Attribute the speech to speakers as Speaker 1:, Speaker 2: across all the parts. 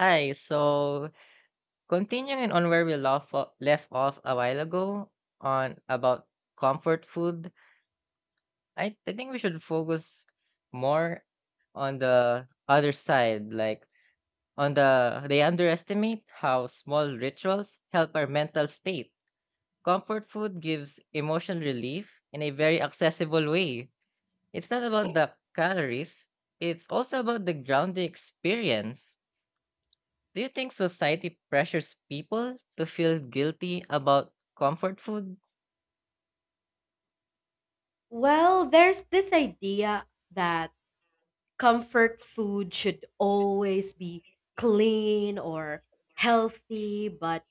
Speaker 1: Hi, so continuing on where we left off a while ago on about comfort food, I think we should focus more on the other side, like on the they underestimate how small rituals help our mental state. Comfort food gives emotional relief in a very accessible way. It's not about the calories, it's also about the grounding experience. Do you think society pressures people to feel guilty about comfort food?
Speaker 2: Well, there's this idea that comfort food should always be clean or healthy, but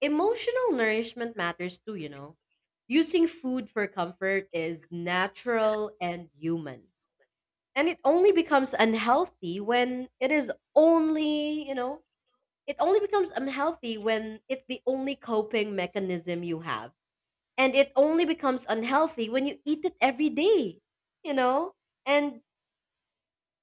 Speaker 2: emotional nourishment matters too. Using food for comfort is natural and human. And it only becomes unhealthy when it is only, you know, it only becomes unhealthy when it's the only coping mechanism you have, and it only becomes unhealthy when you eat it every day you know and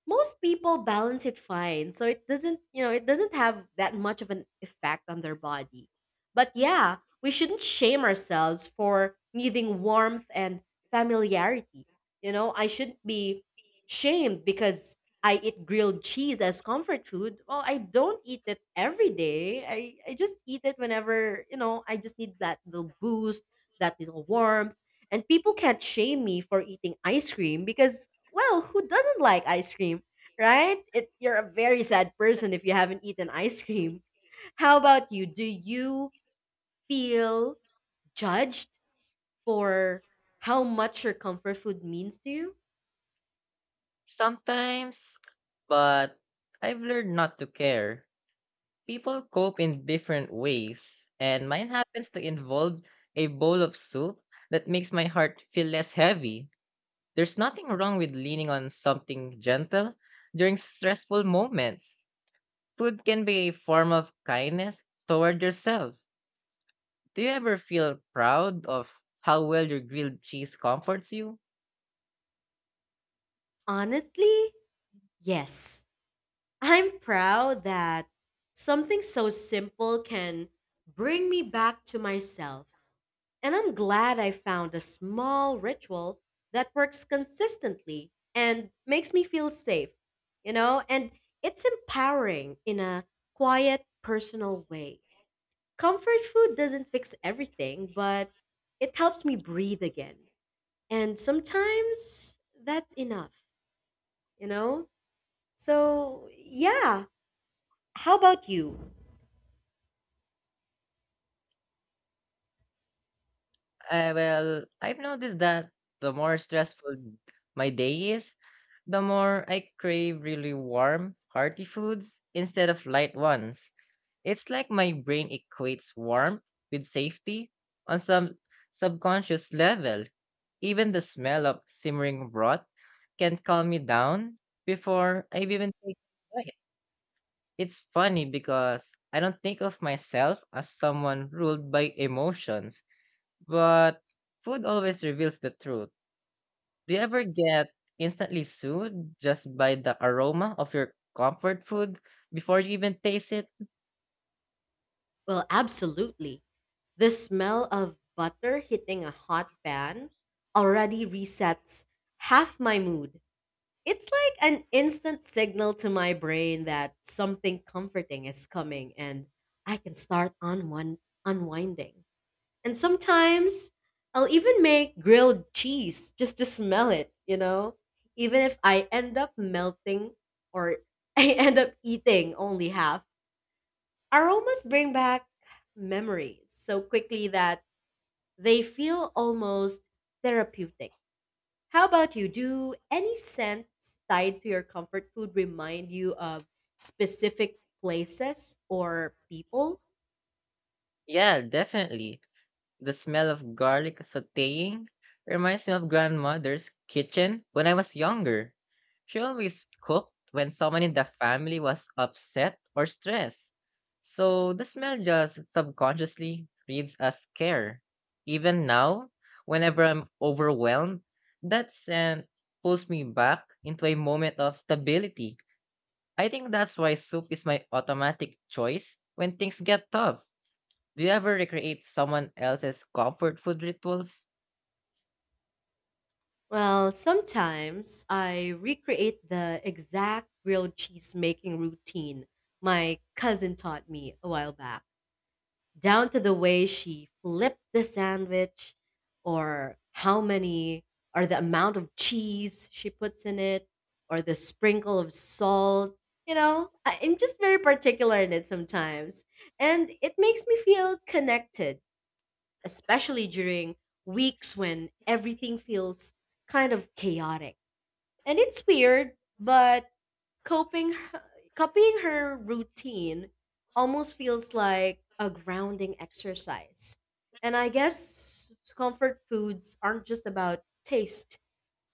Speaker 2: most people balance it fine, so it doesn't have that much of an effect on their body. But yeah, we shouldn't shame ourselves for needing warmth and familiarity. I shouldn't be shamed because I eat grilled cheese as comfort food. Well, I don't eat it every day. I just eat it whenever I just need that little boost, that little warmth. And people can't shame me for eating ice cream because, well, who doesn't like ice cream, right? You're a very sad person if you haven't eaten ice cream. How about you? Do you feel judged for how much your comfort food means to you?
Speaker 1: Sometimes, but I've learned not to care. People cope in different ways, and mine happens to involve a bowl of soup that makes my heart feel less heavy. There's nothing wrong with leaning on something gentle during stressful moments. Food can be a form of kindness toward yourself. Do you ever feel proud of how well your grilled cheese comforts you?
Speaker 2: Honestly, yes. I'm proud that something so simple can bring me back to myself. And I'm glad I found a small ritual that works consistently and makes me feel safe, you know? And it's empowering in a quiet, personal way. Comfort food doesn't fix everything, but it helps me breathe again. And sometimes that's enough, you know? So, yeah. How about you?
Speaker 1: Well, I've noticed that the more stressful my day is, the more I crave really warm, hearty foods instead of light ones. It's like my brain equates warmth with safety on some subconscious level. Even the smell of simmering broth can calm me down before I've even taken a bite. It's funny because I don't think of myself as someone ruled by emotions, but food always reveals the truth. Do you ever get instantly soothed just by the aroma of your comfort food before you even taste it?
Speaker 2: Well, absolutely. The smell of butter hitting a hot pan already resets half my mood. It's like an instant signal to my brain that something comforting is coming, and I can start on one unwinding. And sometimes I'll even make grilled cheese just to smell it, you know? Even if I end up melting or I end up eating only half. Aromas bring back memories so quickly that they feel almost therapeutic. How about you? Do any scents tied to your comfort food remind you of specific places or people?
Speaker 1: Yeah, definitely. The smell of garlic sautéing reminds me of grandmother's kitchen when I was younger. She always cooked when someone in the family was upset or stressed. So the smell just subconsciously reads as care. Even now, whenever I'm overwhelmed, that scent pulls me back into a moment of stability. I think that's why soup is my automatic choice when things get tough. Do you ever recreate someone else's comfort food rituals?
Speaker 2: Well, sometimes I recreate the exact grilled cheese making routine my cousin taught me a while back, down to the way she flipped the sandwich or how many or the amount of cheese she puts in it or the sprinkle of salt, I'm just very particular in it sometimes. And it makes me feel connected, especially during weeks when everything feels kind of chaotic. And it's weird, but Coping copying her routine almost feels like a grounding exercise. And I guess comfort foods aren't just about taste.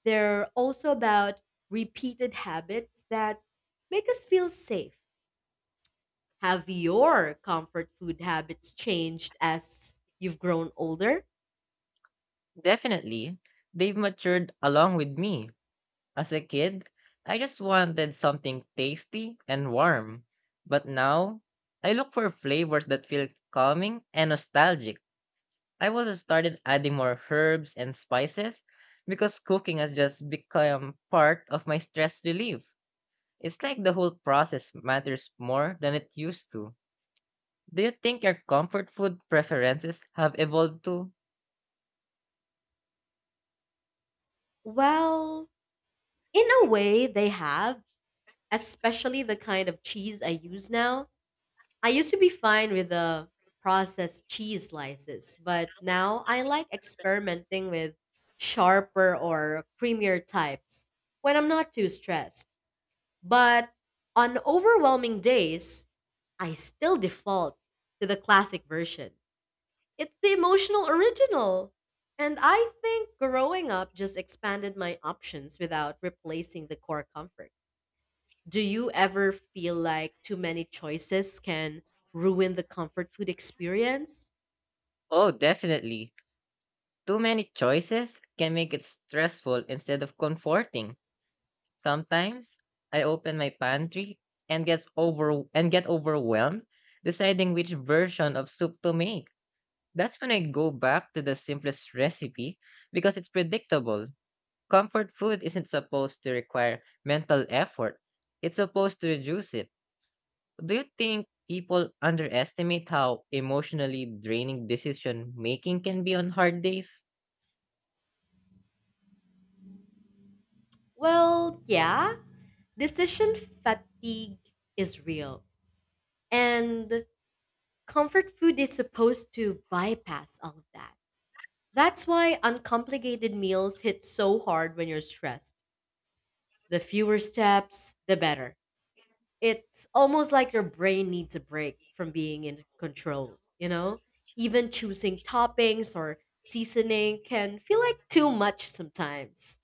Speaker 2: They're also about repeated habits that make us feel safe. Have your comfort food habits changed as you've grown older?
Speaker 1: Definitely. They've matured along with me. As a kid, I just wanted something tasty and warm. But now, I look for flavors that feel calming and nostalgic. I also started adding more herbs and spices because cooking has just become part of my stress relief. It's like the whole process matters more than it used to. Do you think your comfort food preferences have evolved too?
Speaker 2: Well, in a way they have, especially the kind of cheese I use now. I used to be fine with the processed cheese slices, but now I like experimenting with sharper or creamier types when I'm not too stressed. But on overwhelming days, I still default to the classic version. It's the emotional original. And I think growing up just expanded my options without replacing the core comfort. Do you ever feel like too many choices can ruin the comfort food experience?
Speaker 1: Oh, definitely. Too many choices can make it stressful instead of comforting. Sometimes I open my pantry and get overwhelmed deciding which version of soup to make. That's when I go back to the simplest recipe because it's predictable. Comfort food isn't supposed to require mental effort. It's supposed to reduce it. Do you think people underestimate how emotionally draining decision making can be on hard days?
Speaker 2: Well, yeah, decision fatigue is real. And comfort food is supposed to bypass all of that. That's why uncomplicated meals hit so hard when you're stressed. The fewer steps, the better. It's almost like your brain needs a break from being in control, you know? Even choosing toppings or seasoning can feel like too much sometimes.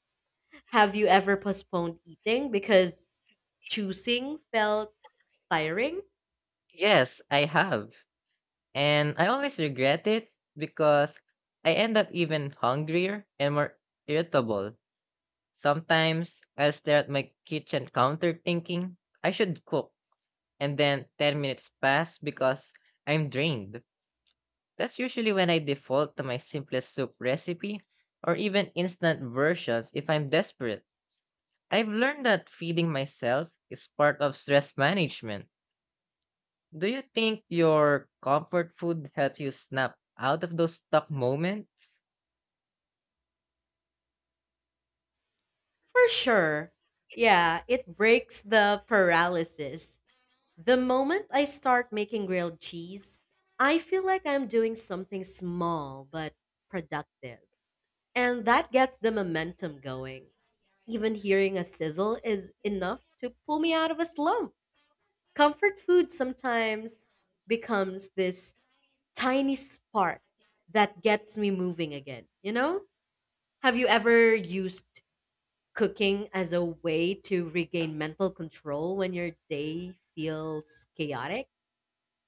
Speaker 2: Have you ever postponed eating because choosing felt tiring?
Speaker 1: Yes, I have. And I always regret it because I end up even hungrier and more irritable. Sometimes I'll stare at my kitchen counter thinking I should cook, and then 10 minutes pass because I'm drained. That's usually when I default to my simplest soup recipe or even instant versions if I'm desperate. I've learned that feeding myself is part of stress management. Do you think your comfort food helps you snap out of those stuck moments?
Speaker 2: For sure. Yeah, it breaks the paralysis. The moment I start making grilled cheese, I feel like I'm doing something small but productive. And that gets the momentum going. Even hearing a sizzle is enough to pull me out of a slump. Comfort food sometimes becomes this tiny spark that gets me moving again, you know? Have you ever used cooking as a way to regain mental control when your day feels chaotic?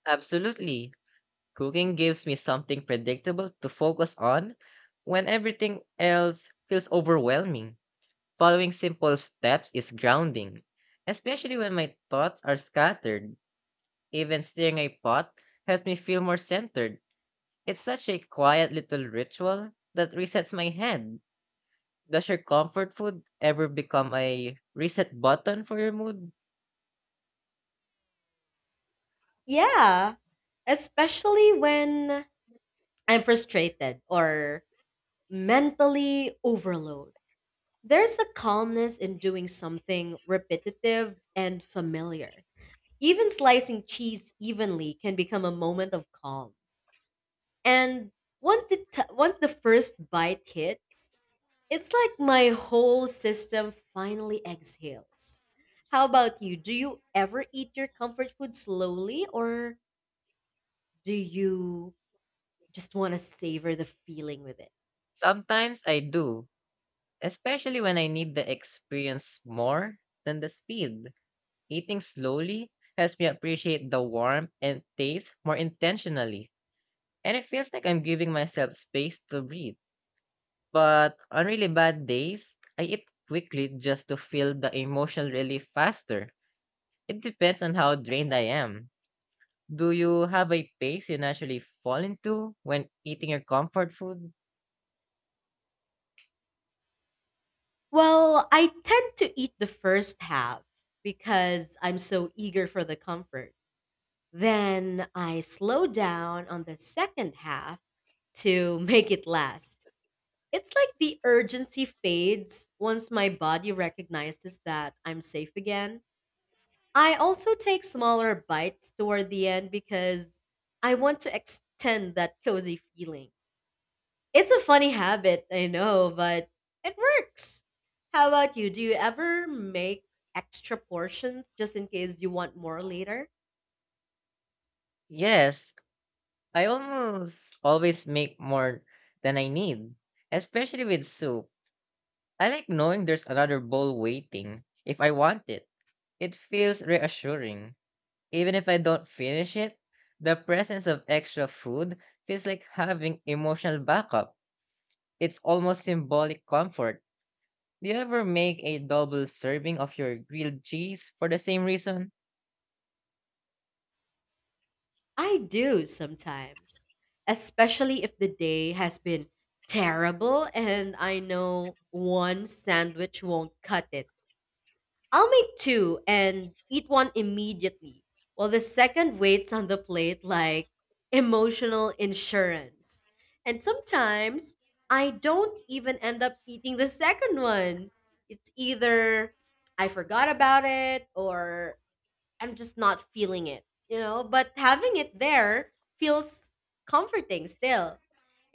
Speaker 1: Absolutely. Cooking gives me something predictable to focus on when everything else feels overwhelming. Following simple steps is grounding, especially when my thoughts are scattered. Even stirring a pot helps me feel more centered. It's such a quiet little ritual that resets my head. Does your comfort food ever become a reset button for your mood?
Speaker 2: Yeah, especially when I'm frustrated or mentally overloaded. There's a calmness in doing something repetitive and familiar. Even slicing cheese evenly can become a moment of calm. And once the first bite hits, it's like my whole system finally exhales. How about you? Do you ever eat your comfort food slowly, or do you just want to savor the feeling with it?
Speaker 1: Sometimes I do, especially when I need the experience more than the speed. Eating slowly helps me appreciate the warmth and taste more intentionally, and it feels like I'm giving myself space to breathe. But on really bad days, I eat quickly just to feel the emotional relief faster. It depends on how drained I am. Do you have a pace you naturally fall into when eating your comfort food?
Speaker 2: Well, I tend to eat the first half because I'm so eager for the comfort. Then I slow down on the second half to make it last. It's like the urgency fades once my body recognizes that I'm safe again. I also take smaller bites toward the end because I want to extend that cozy feeling. It's a funny habit, I know, but it works. How about you? Do you ever make extra portions just in case you want more later?
Speaker 1: Yes, I almost always make more than I need, especially with soup. I like knowing there's another bowl waiting if I want it. It feels reassuring. Even if I don't finish it, the presence of extra food feels like having emotional backup. It's almost symbolic comfort. Do you ever make a double serving of your grilled cheese for the same reason?
Speaker 2: I do sometimes, especially if the day has been terrible and I know one sandwich won't cut it. I'll make two and eat one immediately, while the second waits on the plate like emotional insurance. And sometimes I don't even end up eating the second one. It's either I forgot about it or I'm just not feeling it, you know? But having it there feels comforting still.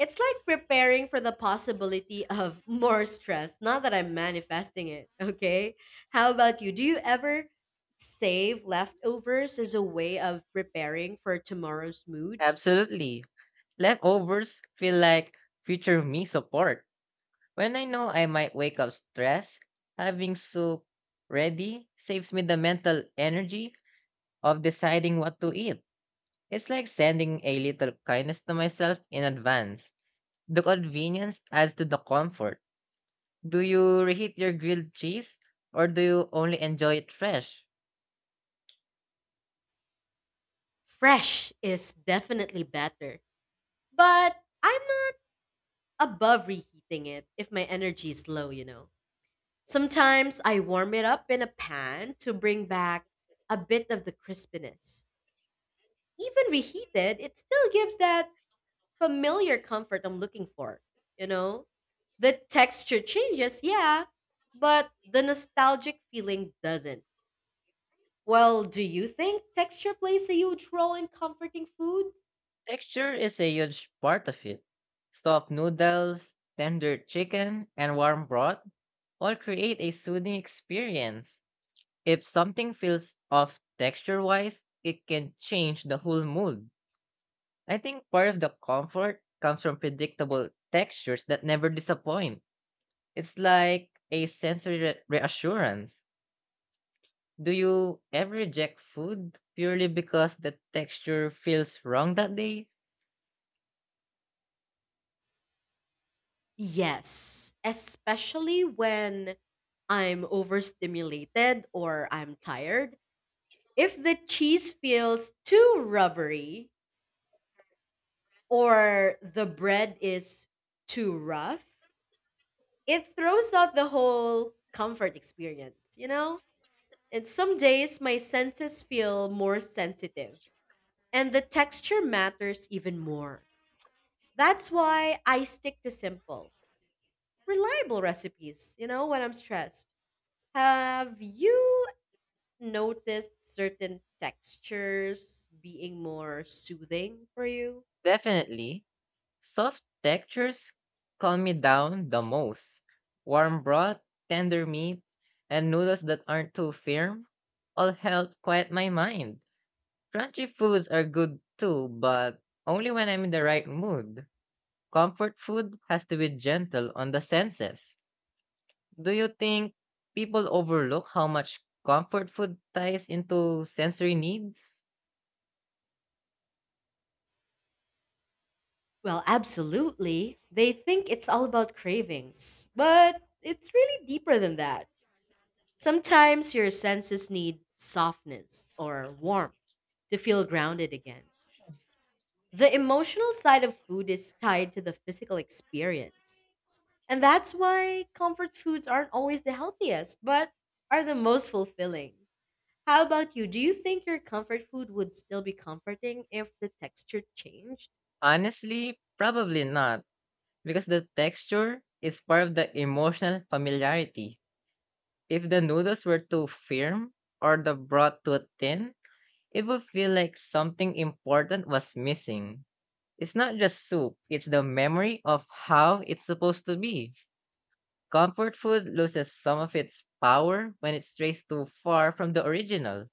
Speaker 2: It's like preparing for the possibility of more stress, not that I'm manifesting it, okay? How about you? Do you ever save leftovers as a way of preparing for tomorrow's mood?
Speaker 1: Absolutely. Leftovers feel like future me support. When I know I might wake up stressed, having soup ready saves me the mental energy of deciding what to eat. It's like sending a little kindness to myself in advance. The convenience adds to the comfort. Do you reheat your grilled cheese or do you only enjoy it fresh?
Speaker 2: Fresh is definitely better, but I'm not above reheating it if my energy is low, you know? Sometimes I warm it up in a pan to bring back a bit of the crispiness. Even reheated, it still gives that familiar comfort I'm looking for, you know? The texture changes, yeah, but the nostalgic feeling doesn't. Well, do you think texture plays a huge role in comforting foods?
Speaker 1: Texture is a huge part of it. Soft noodles, tender chicken, and warm broth all create a soothing experience. If something feels off texture wise, it can change the whole mood. I think part of the comfort comes from predictable textures that never disappoint. It's like a sensory reassurance. Do you ever reject food purely because the texture feels wrong that day?
Speaker 2: Yes, especially when I'm overstimulated or I'm tired. If the cheese feels too rubbery or the bread is too rough, it throws out the whole comfort experience, you know? And some days my senses feel more sensitive and the texture matters even more. That's why I stick to simple, reliable recipes, when I'm stressed. Have you noticed certain textures being more soothing for you?
Speaker 1: Definitely. Soft textures calm me down the most. Warm broth, tender meat, and noodles that aren't too firm all help quiet my mind. Crunchy foods are good too, but only when I'm in the right mood. Comfort food has to be gentle on the senses. Do you think people overlook how much comfort food ties into sensory needs?
Speaker 2: Well, absolutely. They think it's all about cravings, but it's really deeper than that. Sometimes your senses need softness or warmth to feel grounded again. The emotional side of food is tied to the physical experience. And that's why comfort foods aren't always the healthiest, but are the most fulfilling. How about you? Do you think your comfort food would still be comforting if the texture changed?
Speaker 1: Honestly, probably not. Because the texture is part of the emotional familiarity. If the noodles were too firm or the broth too thin, it would feel like something important was missing. It's not just soup, it's the memory of how it's supposed to be. Comfort food loses some of its power when it strays too far from the original.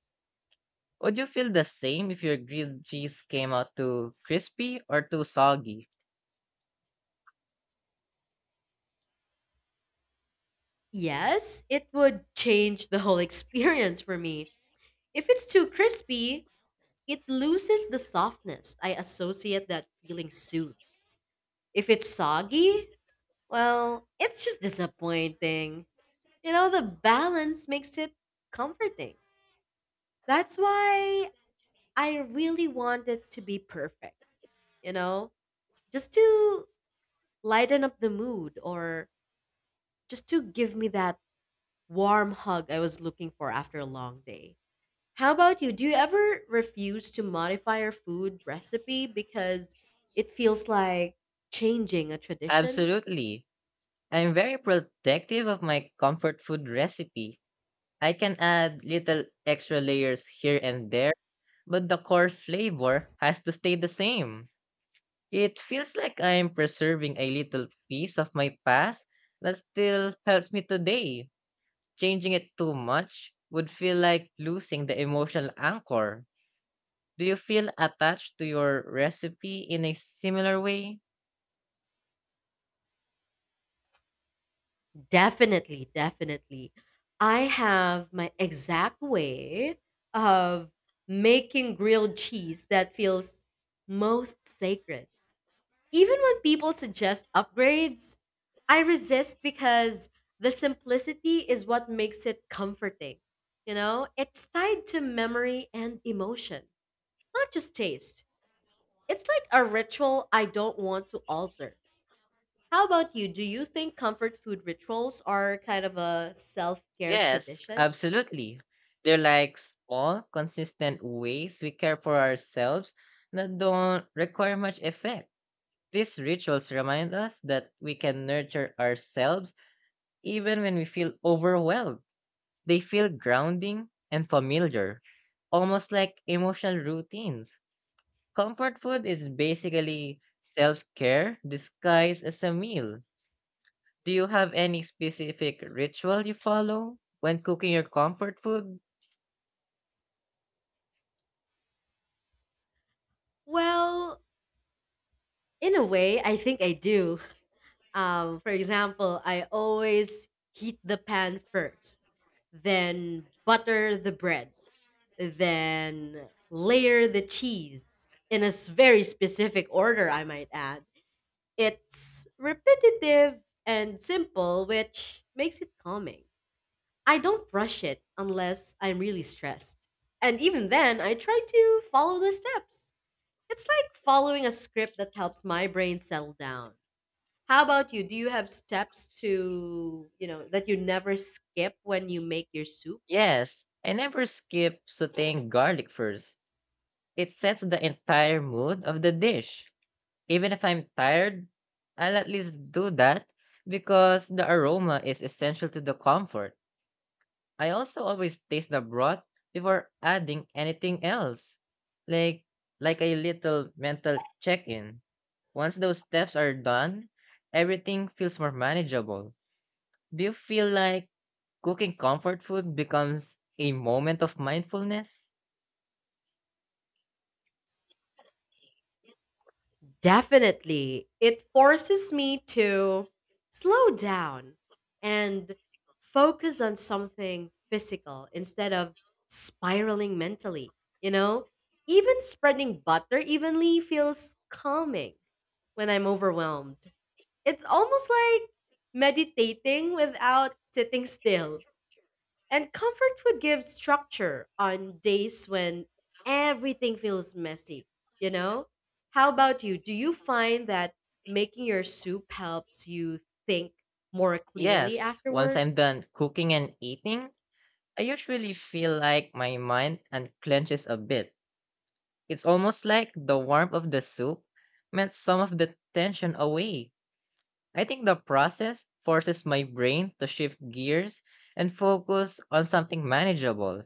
Speaker 1: Would you feel the same if your grilled cheese came out too crispy or too soggy?
Speaker 2: Yes, it would change the whole experience for me. If it's too crispy, it loses the softness. I associate that feeling soothe. If it's soggy, well, it's just disappointing. The balance makes it comforting. That's why I really want it to be perfect, you know, just to lighten up the mood or just to give me that warm hug I was looking for after a long day. How about you? Do you ever refuse to modify your food recipe because it feels like changing a tradition?
Speaker 1: Absolutely. I'm very protective of my comfort food recipe. I can add little extra layers here and there, but the core flavor has to stay the same. It feels like I'm preserving a little piece of my past that still helps me today. Changing it too much would feel like losing the emotional anchor. Do you feel attached to your recipe in a similar way?
Speaker 2: Definitely, definitely. I have my exact way of making grilled cheese that feels most sacred. Even when people suggest upgrades, I resist because the simplicity is what makes it comforting. It's tied to memory and emotion, not just taste. It's like a ritual I don't want to alter. How about you? Do you think comfort food rituals are kind of a self care
Speaker 1: Yes,
Speaker 2: tradition?
Speaker 1: absolutely. They're like small, consistent ways we care for ourselves that don't require much effect. These rituals remind us that we can nurture ourselves even when we feel overwhelmed. They feel grounding and familiar, almost like emotional routines. Comfort food is basically self care disguised as a meal. Do you have any specific ritual you follow when cooking your comfort food?
Speaker 2: Well, in a way, I think I do. For example, I always heat the pan first, then butter the bread, then layer the cheese in a very specific order, I might add. It's repetitive and simple, which makes it calming. I don't rush it unless I'm really stressed. And even then, I try to follow the steps. It's like following a script that helps my brain settle down. How about you? Do you have steps to, that you never skip when you make your soup?
Speaker 1: Yes, I never skip sauteing garlic first. It sets the entire mood of the dish. Even if I'm tired, I'll at least do that because the aroma is essential to the comfort. I also always taste the broth before adding anything else. Like like a little mental check-in. Once those steps are done, everything feels more manageable. Do you feel like cooking comfort food becomes a moment of mindfulness?
Speaker 2: Definitely. It forces me to slow down and focus on something physical instead of spiraling mentally. You know, even spreading butter evenly feels calming when I'm overwhelmed. It's almost like meditating without sitting still. And comfort food gives structure on days when everything feels messy, you know? How about you? Do you find that making your soup helps you think more clearly
Speaker 1: Yes, once
Speaker 2: afterward?
Speaker 1: I'm done cooking and eating, I usually feel like my mind unclenches a bit. It's almost like the warmth of the soup meant some of the tension away. I think the process forces my brain to shift gears and focus on something manageable.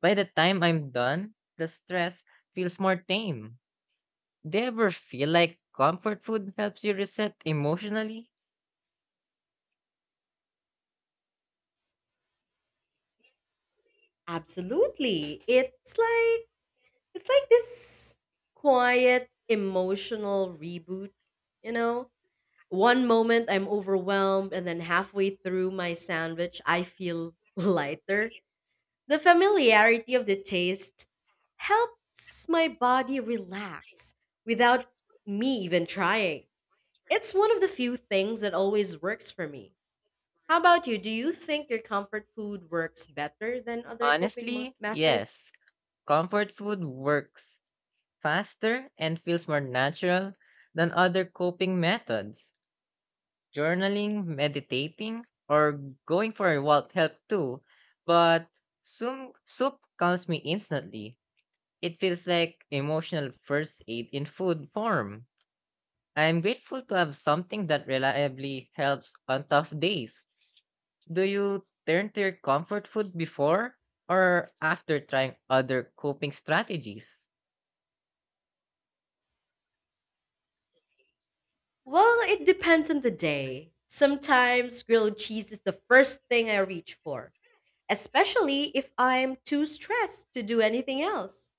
Speaker 1: By the time I'm done, the stress feels more tame. Do you ever feel like comfort food helps you reset emotionally?
Speaker 2: Absolutely. It's like this quiet emotional reboot, you know? One moment I'm overwhelmed, and then halfway through my sandwich I feel lighter. The familiarity of the taste helps my body relax without me even trying. It's one of the few things that always works for me. How about you? Do you think your comfort food works better than other coping
Speaker 1: Honestly, yes.
Speaker 2: methods?
Speaker 1: Comfort food works faster and feels more natural than other coping methods. Journaling, meditating, or going for a walk help too, but soup calms me instantly. It feels like emotional first aid in food form. I'm grateful to have something that reliably helps on tough days. Do you turn to your comfort food before or after trying other coping strategies?
Speaker 2: Well, it depends on the day. Sometimes grilled cheese is the first thing I reach for, especially if I'm too stressed to do anything else.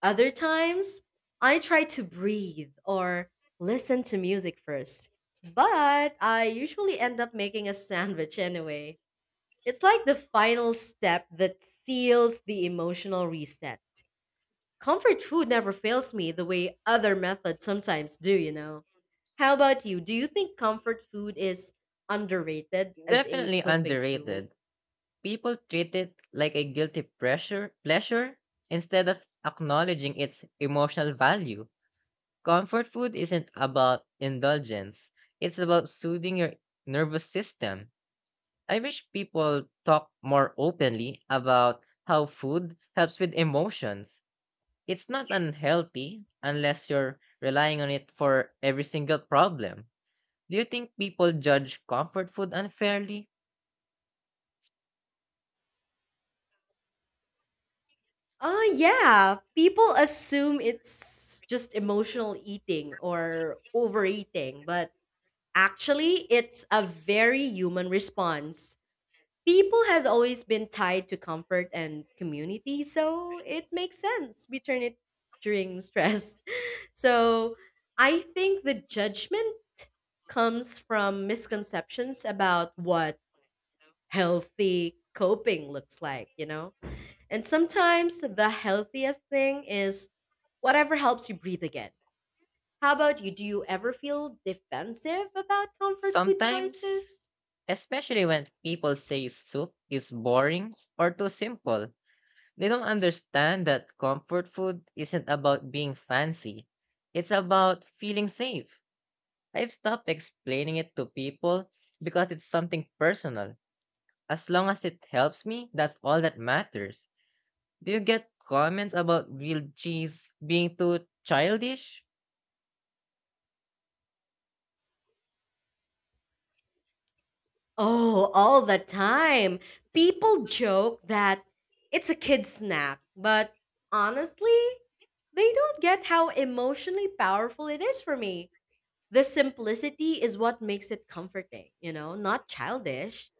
Speaker 2: Other times, I try to breathe or listen to music first. But I usually end up making a sandwich anyway. It's like the final step that seals the emotional reset. Comfort food never fails me the way other methods sometimes do. How about you? Do you think comfort food is underrated as a
Speaker 1: Definitely
Speaker 2: coping tool?
Speaker 1: underrated. People treat it like a guilty pressure pleasure instead of acknowledging its emotional value. Comfort food isn't about indulgence. It's about soothing your nervous system. I wish people talk more openly about how food helps with emotions. It's not unhealthy unless you're relying on it for every single problem. Do you think people judge comfort food unfairly?
Speaker 2: Oh yeah, people assume it's just emotional eating or overeating, but actually it's a very human response. People has always been tied to comfort and community, so it makes sense. We turn it during stress. So I think the judgment comes from misconceptions about what healthy coping looks like, you know? And sometimes the healthiest thing is whatever helps you breathe again. How about you? Do you ever feel defensive about comfort food
Speaker 1: Sometimes,
Speaker 2: choices?
Speaker 1: especially when people say soup is boring or too simple, they don't understand that comfort food isn't about being fancy. It's about feeling safe. I've stopped explaining it to people because it's something personal. As long as it helps me, that's all that matters. Do you get comments about grilled cheese being too childish?
Speaker 2: Oh, all the time. People joke that it's a kid snack, but honestly, they don't get how emotionally powerful it is for me. The simplicity is what makes it comforting, not childish.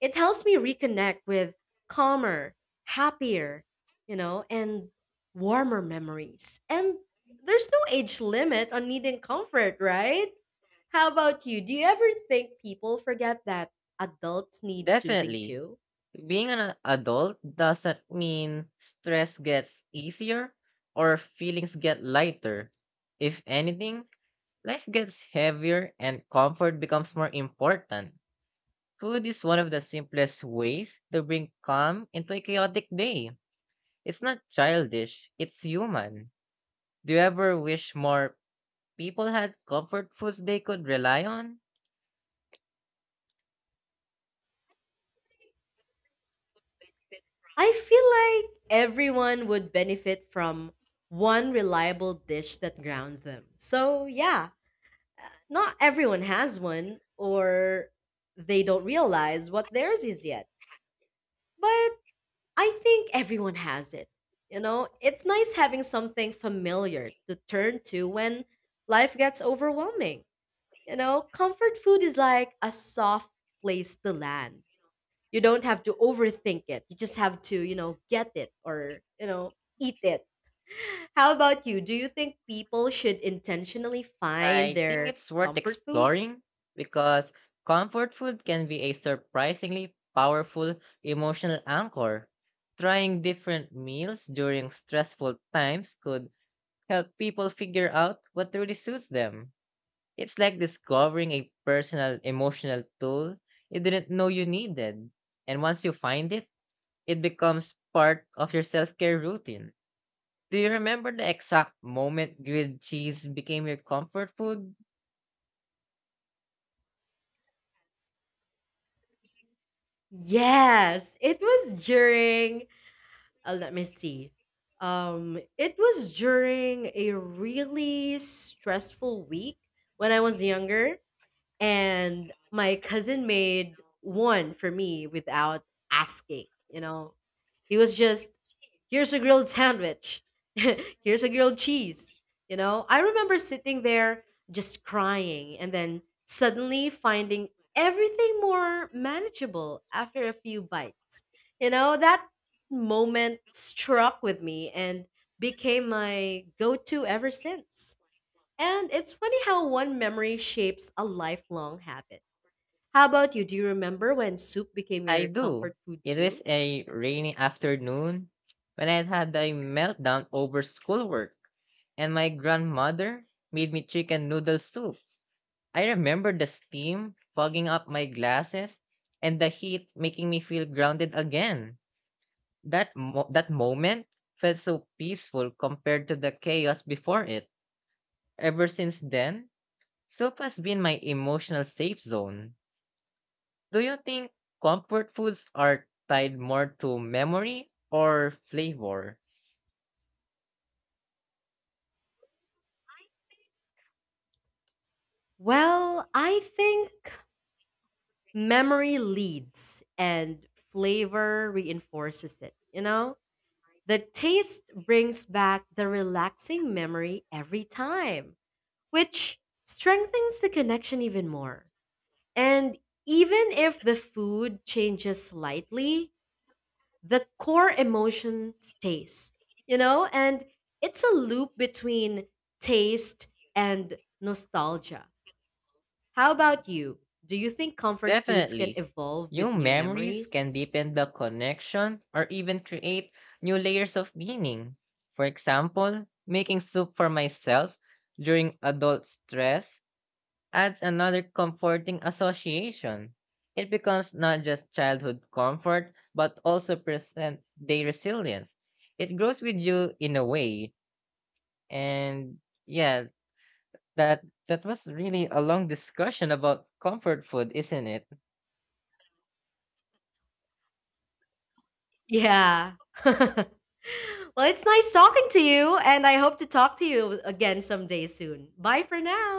Speaker 2: It helps me reconnect with calmer, happier, and warmer memories. And there's no age limit on needing comfort, right? How about you? Do you ever think people forget that adults need soothing
Speaker 1: Definitely.
Speaker 2: too?
Speaker 1: Being an adult doesn't mean stress gets easier or feelings get lighter. If anything, life gets heavier and comfort becomes more important. Food is one of the simplest ways to bring calm into a chaotic day. It's not childish, it's human. Do you ever wish more people had comfort foods they could rely on?
Speaker 2: I feel like everyone would benefit from one reliable dish that grounds them. So, yeah, not everyone has one, or they don't realize what theirs is yet. But I think everyone has it. It's nice having something familiar to turn to when life gets overwhelming. Comfort food is like a soft place to land. You don't have to overthink it. You just have to, get it, or, eat it. How about you? Do you think people should intentionally find
Speaker 1: I think
Speaker 2: their
Speaker 1: it's worth
Speaker 2: comfort food?
Speaker 1: exploring because comfort food can be a surprisingly powerful emotional anchor. Trying different meals during stressful times could help people figure out what really suits them. It's like discovering a personal emotional tool you didn't know you needed. And once you find it, it becomes part of your self care routine. Do you remember the exact moment grilled cheese became your comfort food?
Speaker 2: Yes, it was during let me see. It was during a really stressful week when I was younger, and my cousin made one for me without asking. He was just, here's a grilled sandwich, here's a grilled cheese. I remember sitting there just crying and then suddenly finding everything more manageable after a few bites. That moment struck with me and became my go to ever since. And it's funny how one memory shapes a lifelong habit. How about you? Do you remember when soup became
Speaker 1: I
Speaker 2: your
Speaker 1: do.
Speaker 2: comfort food
Speaker 1: It was
Speaker 2: too?
Speaker 1: a rainy afternoon when I had a meltdown over schoolwork, and my grandmother made me chicken noodle soup. I remember the steam fogging up my glasses and the heat making me feel grounded again. That moment felt so peaceful compared to the chaos before it. Ever since then, soup has been my emotional safe zone. Do you think comfort foods are tied more to memory or flavor?
Speaker 2: Well, I think memory leads and flavor reinforces it, you know? The taste brings back the relaxing memory every time, which strengthens the connection even more. And even if the food changes slightly, the core emotion stays, you know? And it's a loop between taste and nostalgia. How about you? Do you think comfort foods can
Speaker 1: Definitely.
Speaker 2: evolve
Speaker 1: New
Speaker 2: with new
Speaker 1: memories can
Speaker 2: memories?
Speaker 1: deepen the connection or even create new layers of meaning. For example, making soup for myself during adult stress adds another comforting association. It becomes not just childhood comfort, but also present day resilience. It grows with you in a way, and yeah, that was really a long discussion about comfort food, isn't it?
Speaker 2: Yeah. Well, it's nice talking to you, and I hope to talk to you again someday soon. Bye for now.